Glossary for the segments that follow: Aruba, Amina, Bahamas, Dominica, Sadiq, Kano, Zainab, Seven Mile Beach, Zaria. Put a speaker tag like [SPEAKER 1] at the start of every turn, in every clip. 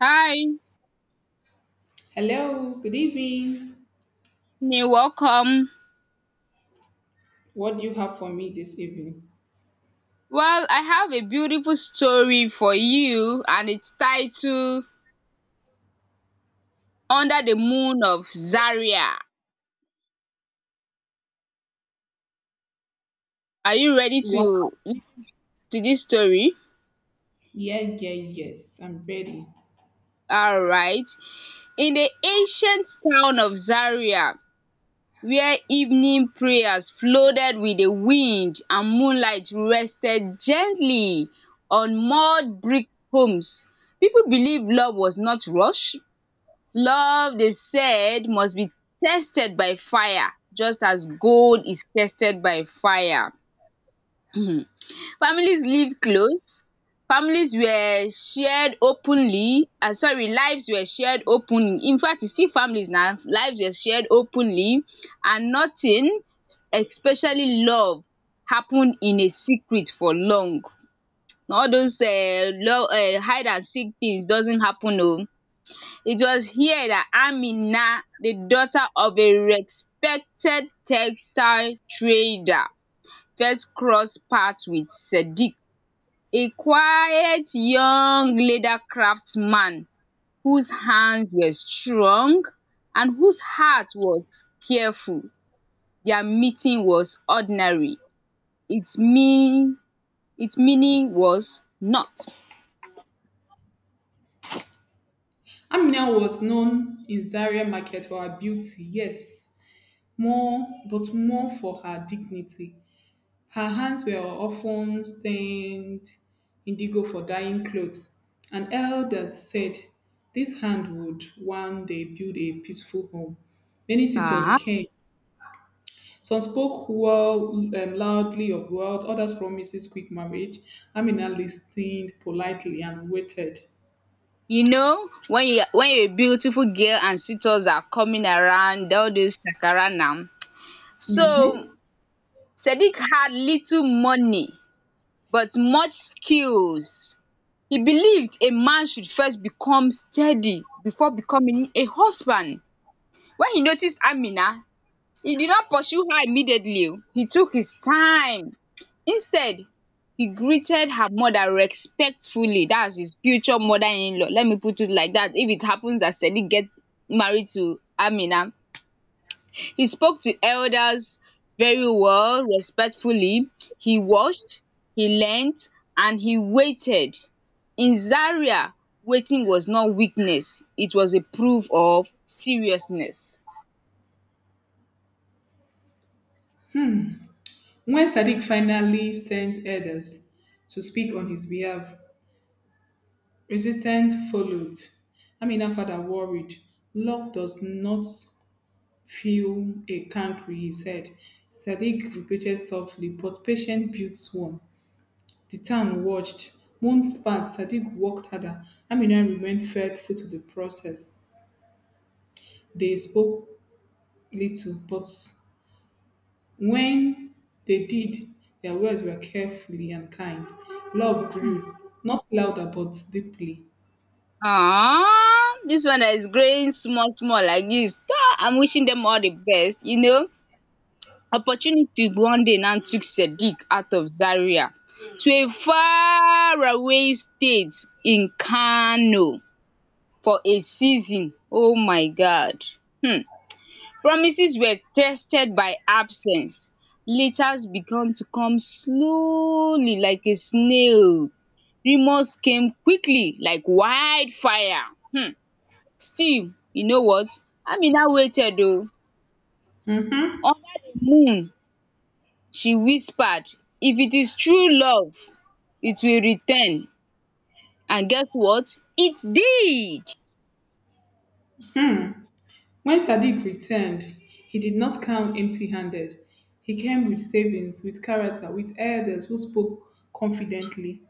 [SPEAKER 1] Hi,
[SPEAKER 2] Hello, good evening.
[SPEAKER 1] you welcome.
[SPEAKER 2] What do you have for me this evening?
[SPEAKER 1] Well, I have a beautiful story for you, and it's titled Under the Moon of Zaria. Are you ready to
[SPEAKER 2] Wow.
[SPEAKER 1] listen to this story?
[SPEAKER 2] Yeah, yes, I'm ready.
[SPEAKER 1] All right. In the ancient town of Zaria, where evening prayers floated with the wind and moonlight rested gently on mud brick homes, people believed love was not rushed. Love, they said, must be tested by fire, just as gold is tested by fire. Families lived close. Families were shared openly sorry lives were shared openly, in fact it's still families na lives were shared openly, and nothing, especially love, happened in a secret for long. All those love hide and seek things doesn't happen oh. It was here that Amina, the daughter of a respected textile trader, first crossed paths with Sadiq, a quiet young leather craftsman whose hands were strong and whose heart was careful. Their meeting was ordinary. Its mean its meaning was not.
[SPEAKER 2] Amina was known in Zaria market for her beauty, yes, more, but more for her dignity. Her hands were often stained indigo for dyeing clothes, and elders said this hand would one day build a peaceful home. Many suitors
[SPEAKER 1] um
[SPEAKER 2] came. Some spoke well, loudly of wealth, others promises quick marriage. Amina listened politely and waited.
[SPEAKER 1] you know, when you're a beautiful girl and suitors are coming around, all those shakara now. So Sadiq had little money but much skills. He believed a man should first become steady before becoming a husband. When he noticed Amina, he did not pursue her immediately o, he took his time. Instead, he greeted her mother respectfully, that's his future mother-in-law, let me put it like that if it happens that Sadiq gets married to Amina. He spoke to elders very well, respectfully, he watched, he learnt and he waited. In Zaria, waiting was not weakness, it was a proof of seriousness.
[SPEAKER 2] When Sadiq finally sent elders to speak on his behalf, resistance followed. Amina father worried. Love does not feel a country, he said. Sadiq repeated softly, but patient built swarm. The town watched. Months passed, Sadiq worked harder. Amina remained faithful to the process. They spoke little, but when they did, their words were carefully and kind. Love grew, not louder, but deeply.
[SPEAKER 1] Ah, this one that is growing small, small like this. Ah, I'm wishing them all the best. You know, opportunity one day now took Sadiq out of Zaria to a far away state in Kano for a season. Oh my God. Hmm. Promises were tested by absence. Letters began to come slowly like a snail. Rumors came quickly like wildfire. Hmm. Still, you know what, Amina waited oh, under the moon she whispered, if it is true love it will return, and guess what, it did.
[SPEAKER 2] When Sadiq returned, he did not come empty handed. He came with savings, with character, with elders who spoke confidently.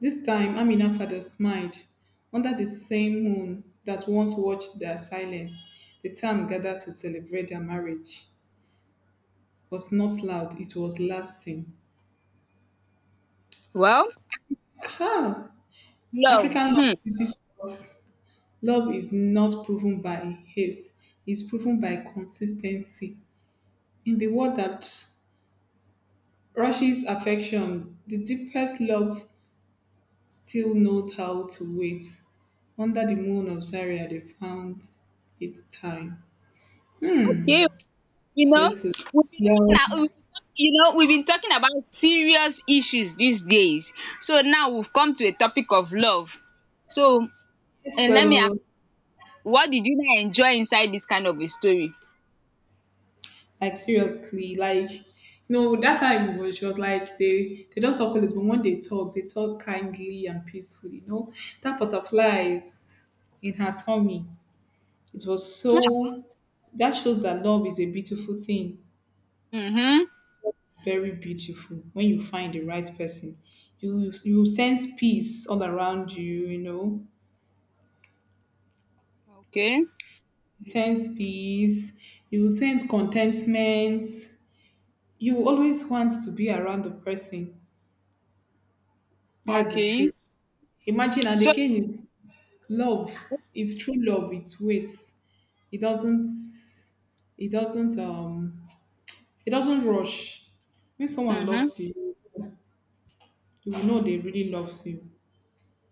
[SPEAKER 2] This time, Amina's father smiled. Under the same moon that once watched their silence, the town gathered to celebrate their marriage. It was not loud, it was lasting.
[SPEAKER 1] Well,
[SPEAKER 2] Cow!
[SPEAKER 1] love.
[SPEAKER 2] African love
[SPEAKER 1] Hmm.
[SPEAKER 2] teaches us love is not proven by haste, it's proven by consistency. In the world that rushes affection, the deepest love still knows how to wait. Under the moon of Zaria, they found its time.
[SPEAKER 1] Okay oh, you know,
[SPEAKER 2] This is
[SPEAKER 1] we've been talking
[SPEAKER 2] love.
[SPEAKER 1] a- we've been talk- you know, we've been talking about serious issues these days, so now we've come to a topic of love. So, and let me ask,
[SPEAKER 2] So
[SPEAKER 1] what did you now enjoy inside this kind of a story?
[SPEAKER 2] like seriously, like you know, that time it was just like they don't talk always, but when they talk kindly and peacefully. You know, that butterfly is in her tummy. It was so that shows that love is a beautiful thing.
[SPEAKER 1] um um
[SPEAKER 2] It's very beautiful when you find the right person. You sense peace all around you. You know,
[SPEAKER 1] okay.
[SPEAKER 2] sense peace. You sense contentment. You always want to be around the person. That's the
[SPEAKER 1] Okay.
[SPEAKER 2] truth. Imagine, and
[SPEAKER 1] So.
[SPEAKER 2] again, it's love. If true love, it waits. It doesn't. It doesn't. It doesn't rush. When someone
[SPEAKER 1] Mhm.
[SPEAKER 2] loves you, you will know they really loves you.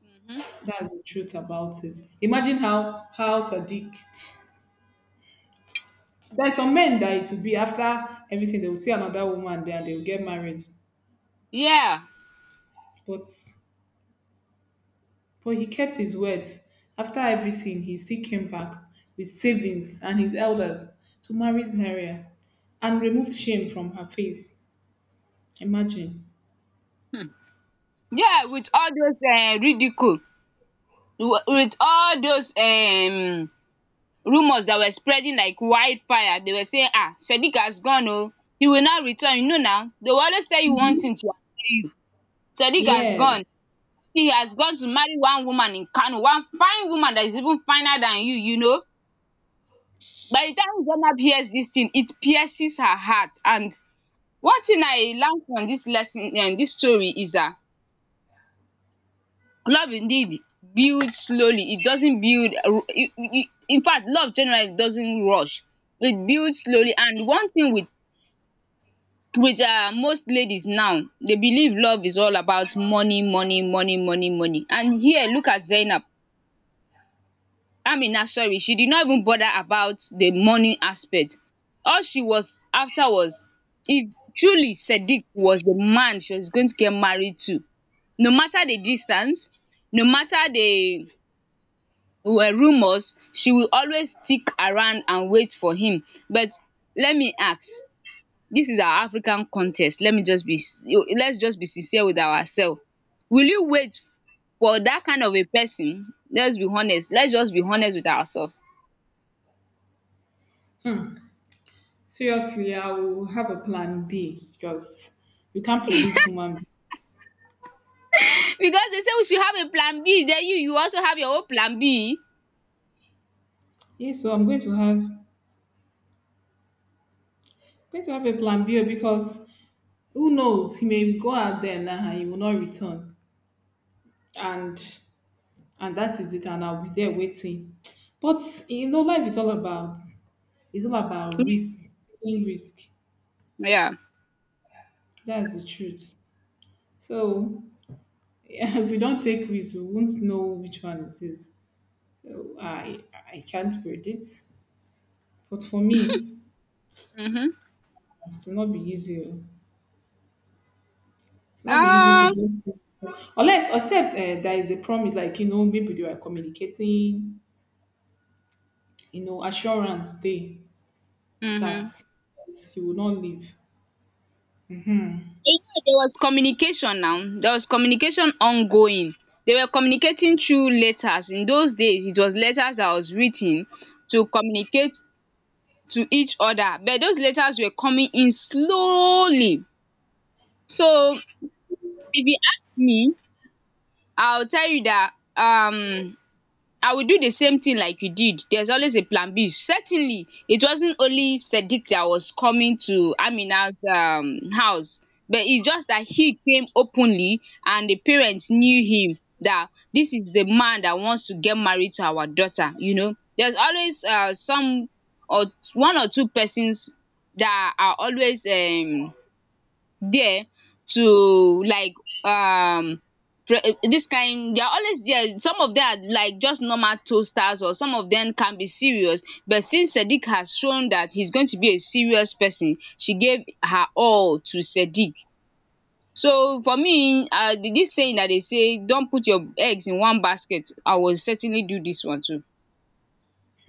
[SPEAKER 1] Mhm.
[SPEAKER 2] That's the truth about it. Imagine how Sadiq. There's some men that it will be after everything they will see another woman there and they will get married,
[SPEAKER 1] Yeah.
[SPEAKER 2] but But he kept his words. After everything, he still came back with savings and his elders to marry Zaria and removed shame from her face. Imagine.
[SPEAKER 1] Yeah, with all those ridicule, wi with all those rumours that were spreading like wildfire, they were saying ah Sadiq has gone oh, he will not return, you know, now they will always tell you one thing to annoy you, Sadiq has
[SPEAKER 2] Yes.
[SPEAKER 1] gone, he has gone to marry one woman in Kano, one fine woman that is even finer than you, you know. By the time Zainab hears this thing it pierces her heart. And one thing I learn from this lesson, this story, is that love indeed builds slowly. It doesn't build. In fact, love generally doesn't rush. It builds slowly. And one thing with most ladies now, they believe love is all about money, money, money, money, money. And here, look at Zainab. Amina, sorry, she did not even bother about the money aspect. All she was after was, if truly Sadiq was the man she was going to get married to, no matter the distance, no matter the were rumours, she will always stick around and wait for him. But let me ask, this is our African contest, let me just be, let's just be sincere with ourselves. Will you wait for that kind of a person? Let's be honest, let's just be honest with ourselves.
[SPEAKER 2] Seriously, I will have a plan B because you can't predict human beings.
[SPEAKER 1] Because they say we should have a plan B, then you also have your own plan B.
[SPEAKER 2] Yeah, so I'm going to have a plan B because who knows? He may go out there now and he will not return. And and that is it. And I'll be there waiting. But you know, life is all about, it's all about risk, taking risk.
[SPEAKER 1] Yeah.
[SPEAKER 2] That's the truth. So if we don't take risk, we won't know which one it is. So I can't predict. But for me,
[SPEAKER 1] Mhm.
[SPEAKER 2] it will not be easy, oh. It's not be easy to
[SPEAKER 1] Um.
[SPEAKER 2] do. Unless, except there is a promise, like you know, maybe they are communicating, you know, assurance day that
[SPEAKER 1] Mhm.
[SPEAKER 2] you will not leave.
[SPEAKER 1] You know, there was communication now, there was communication ongoing, they were communicating through letters, in those days it was letters that was written to communicate to each other, but those letters were coming in slowly. So if you ask me, I will tell you that I will do the same thing like you did. There's always a plan B. Certainly, it wasn't only Sadiq that was coming to Amina's house, but it's just that he came openly and the parents knew him that this is the man that wants to get married to our daughter. You know, there's always some or one or two persons that are always there, to like um this kind, they are always there, some of them are like just normal toasters or some of them can be serious, but since Sadiq has shown that he's going to be a serious person she gave her all to Sadiq. So for me, this saying that they say don't put your eggs in one basket, I will certainly do this one too,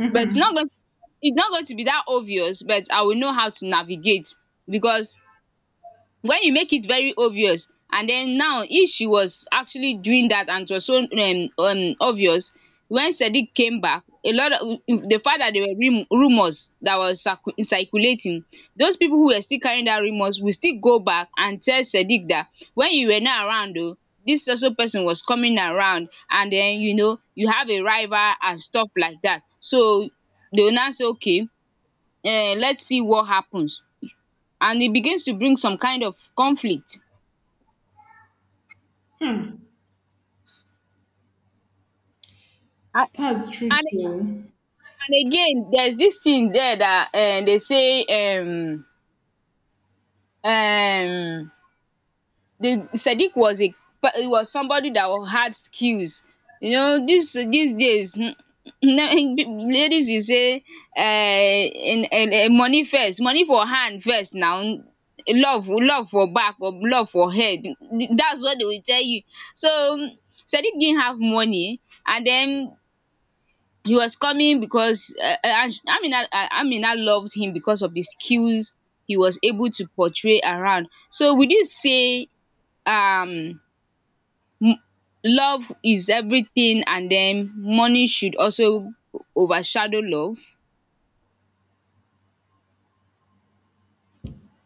[SPEAKER 1] but it's not going to, it's not going to be that obvious, but I will know how to navigate, because when you make it very obvious, and then now if she was actually doing that and it was so obvious, when Sadiq came back, a lot of the fact that there were rumors that was circulating, those people who were still carrying that rumors will still go back and tell Sadiq that when you were not around though, this also person was coming around, and then you know you have a rival and stuff like that. So they will now say okay, let's see what happens, and it begins to bring some kind of conflict. And,
[SPEAKER 2] That's true
[SPEAKER 1] and
[SPEAKER 2] too, oh.
[SPEAKER 1] and again, there's this thing there that um the Sadiq was a he was somebody that had skills. You know, this these days, ladies will say in money first, money for hand first now, love love for back or love for head, that's what they will tell you. So Sadiq didn't have money, and then he was coming because and Amina, Amina loved him because of the skills he was able to portray around. So would you say, um m- love is everything and then money should also overshadow love?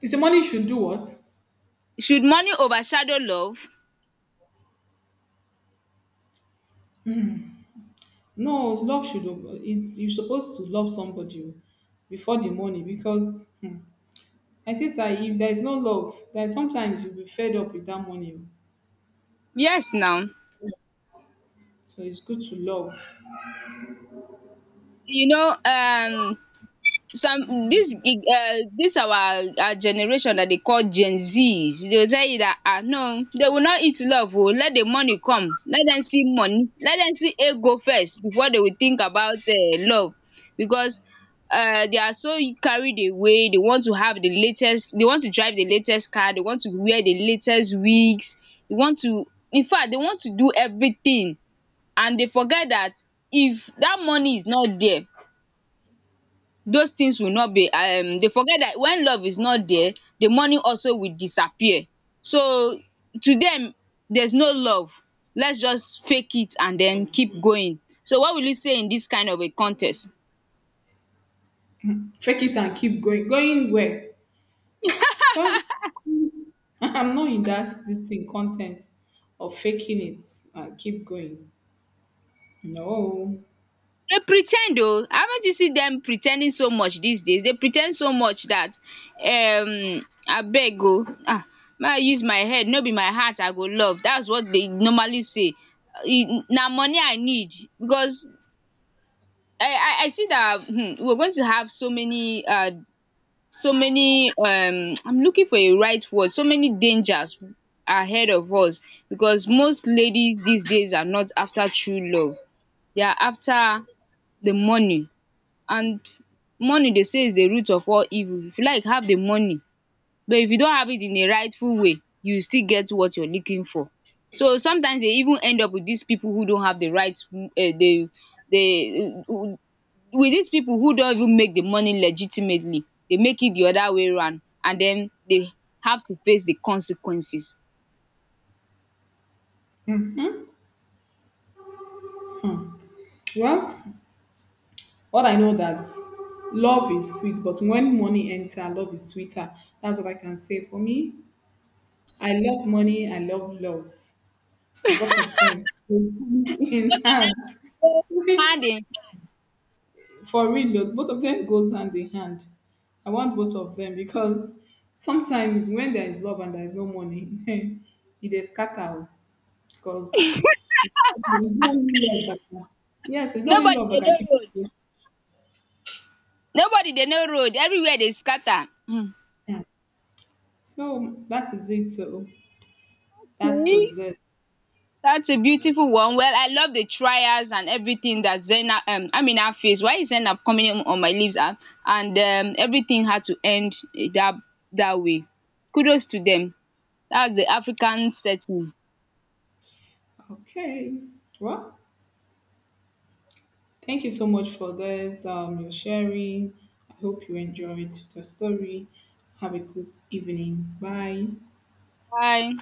[SPEAKER 2] Is your money should do what?
[SPEAKER 1] Should money overshadow love?
[SPEAKER 2] No, love should. Is you're supposed to love somebody before the money because hmm, I see that if there is no love, then sometimes you'll be fed up with that money.
[SPEAKER 1] Yes now.
[SPEAKER 2] So it's good to love,
[SPEAKER 1] You know, some dis our generation, dem dey call gen z's, dey go tell you dat no, they will not eat love oo, let the money come, let dem see money, let dem see ego first before they will think about love. Because they are so carried away, they want to have the latest, they want to drive the latest car, they want to wear the latest wigs, they want to, infact they want to do everything, and they forget dat if dat money is not there, those things will not be they forget that when love is not there the money also will disappear. So to them there's no love, let's just fake it and then keep going. So what will you say in this kind of a contest?
[SPEAKER 2] fake it and keep going, going where. So I'm not in that this thing contents of faking it and keep going. No.
[SPEAKER 1] They pretend oh, haven't you seen them pretending so much these days? They pretend so much that, abeg oh, ah, may I use my head, no be my heart I go love, that's what they normally say. Na money I need. Because I see that, hmm, we're going to have so many so many I'm looking for a right word, so many dangers ahead of us, because most ladies these days are not after true love, they are after the money. And money, they say, is the root of all evil, if you like have the money, but if you don't have it in a rightful way you still get what you're looking for. So sometimes they even end up with these people who don't have the right, the with these people who don't even make the money legitimately, they make it the other way round and then they have to face the consequences.
[SPEAKER 2] Hmm. Well, what I know that love is sweet, but when money enter, love is sweeter. That's what I can say for me. I love money, I love love. So both of them go
[SPEAKER 1] Make
[SPEAKER 2] in
[SPEAKER 1] I
[SPEAKER 2] hand.
[SPEAKER 1] say hand in,
[SPEAKER 2] For real, look, both of them goes hand in hand. I want both of them because sometimes when there is love and there is no money, it is scatter because there is no only love that can, yes, it's not only
[SPEAKER 1] nobody
[SPEAKER 2] love that
[SPEAKER 1] they
[SPEAKER 2] can
[SPEAKER 1] know
[SPEAKER 2] keep
[SPEAKER 1] road,
[SPEAKER 2] you.
[SPEAKER 1] nobody they know road, everywhere they scatter.
[SPEAKER 2] Yeah. So that is it. So that
[SPEAKER 1] Um
[SPEAKER 2] is it.
[SPEAKER 1] that's a beautiful one. Well, I love the trials and everything that Zainab, Amina face why is Zena coming on my lips, ah. And everything had to end, eh, that that way. Kudos to them, that's the African setting.
[SPEAKER 2] Okay. Well, thank you so much for this, your sharing. I hope you enjoyed the story. Have a good evening. Bye.
[SPEAKER 1] Bye.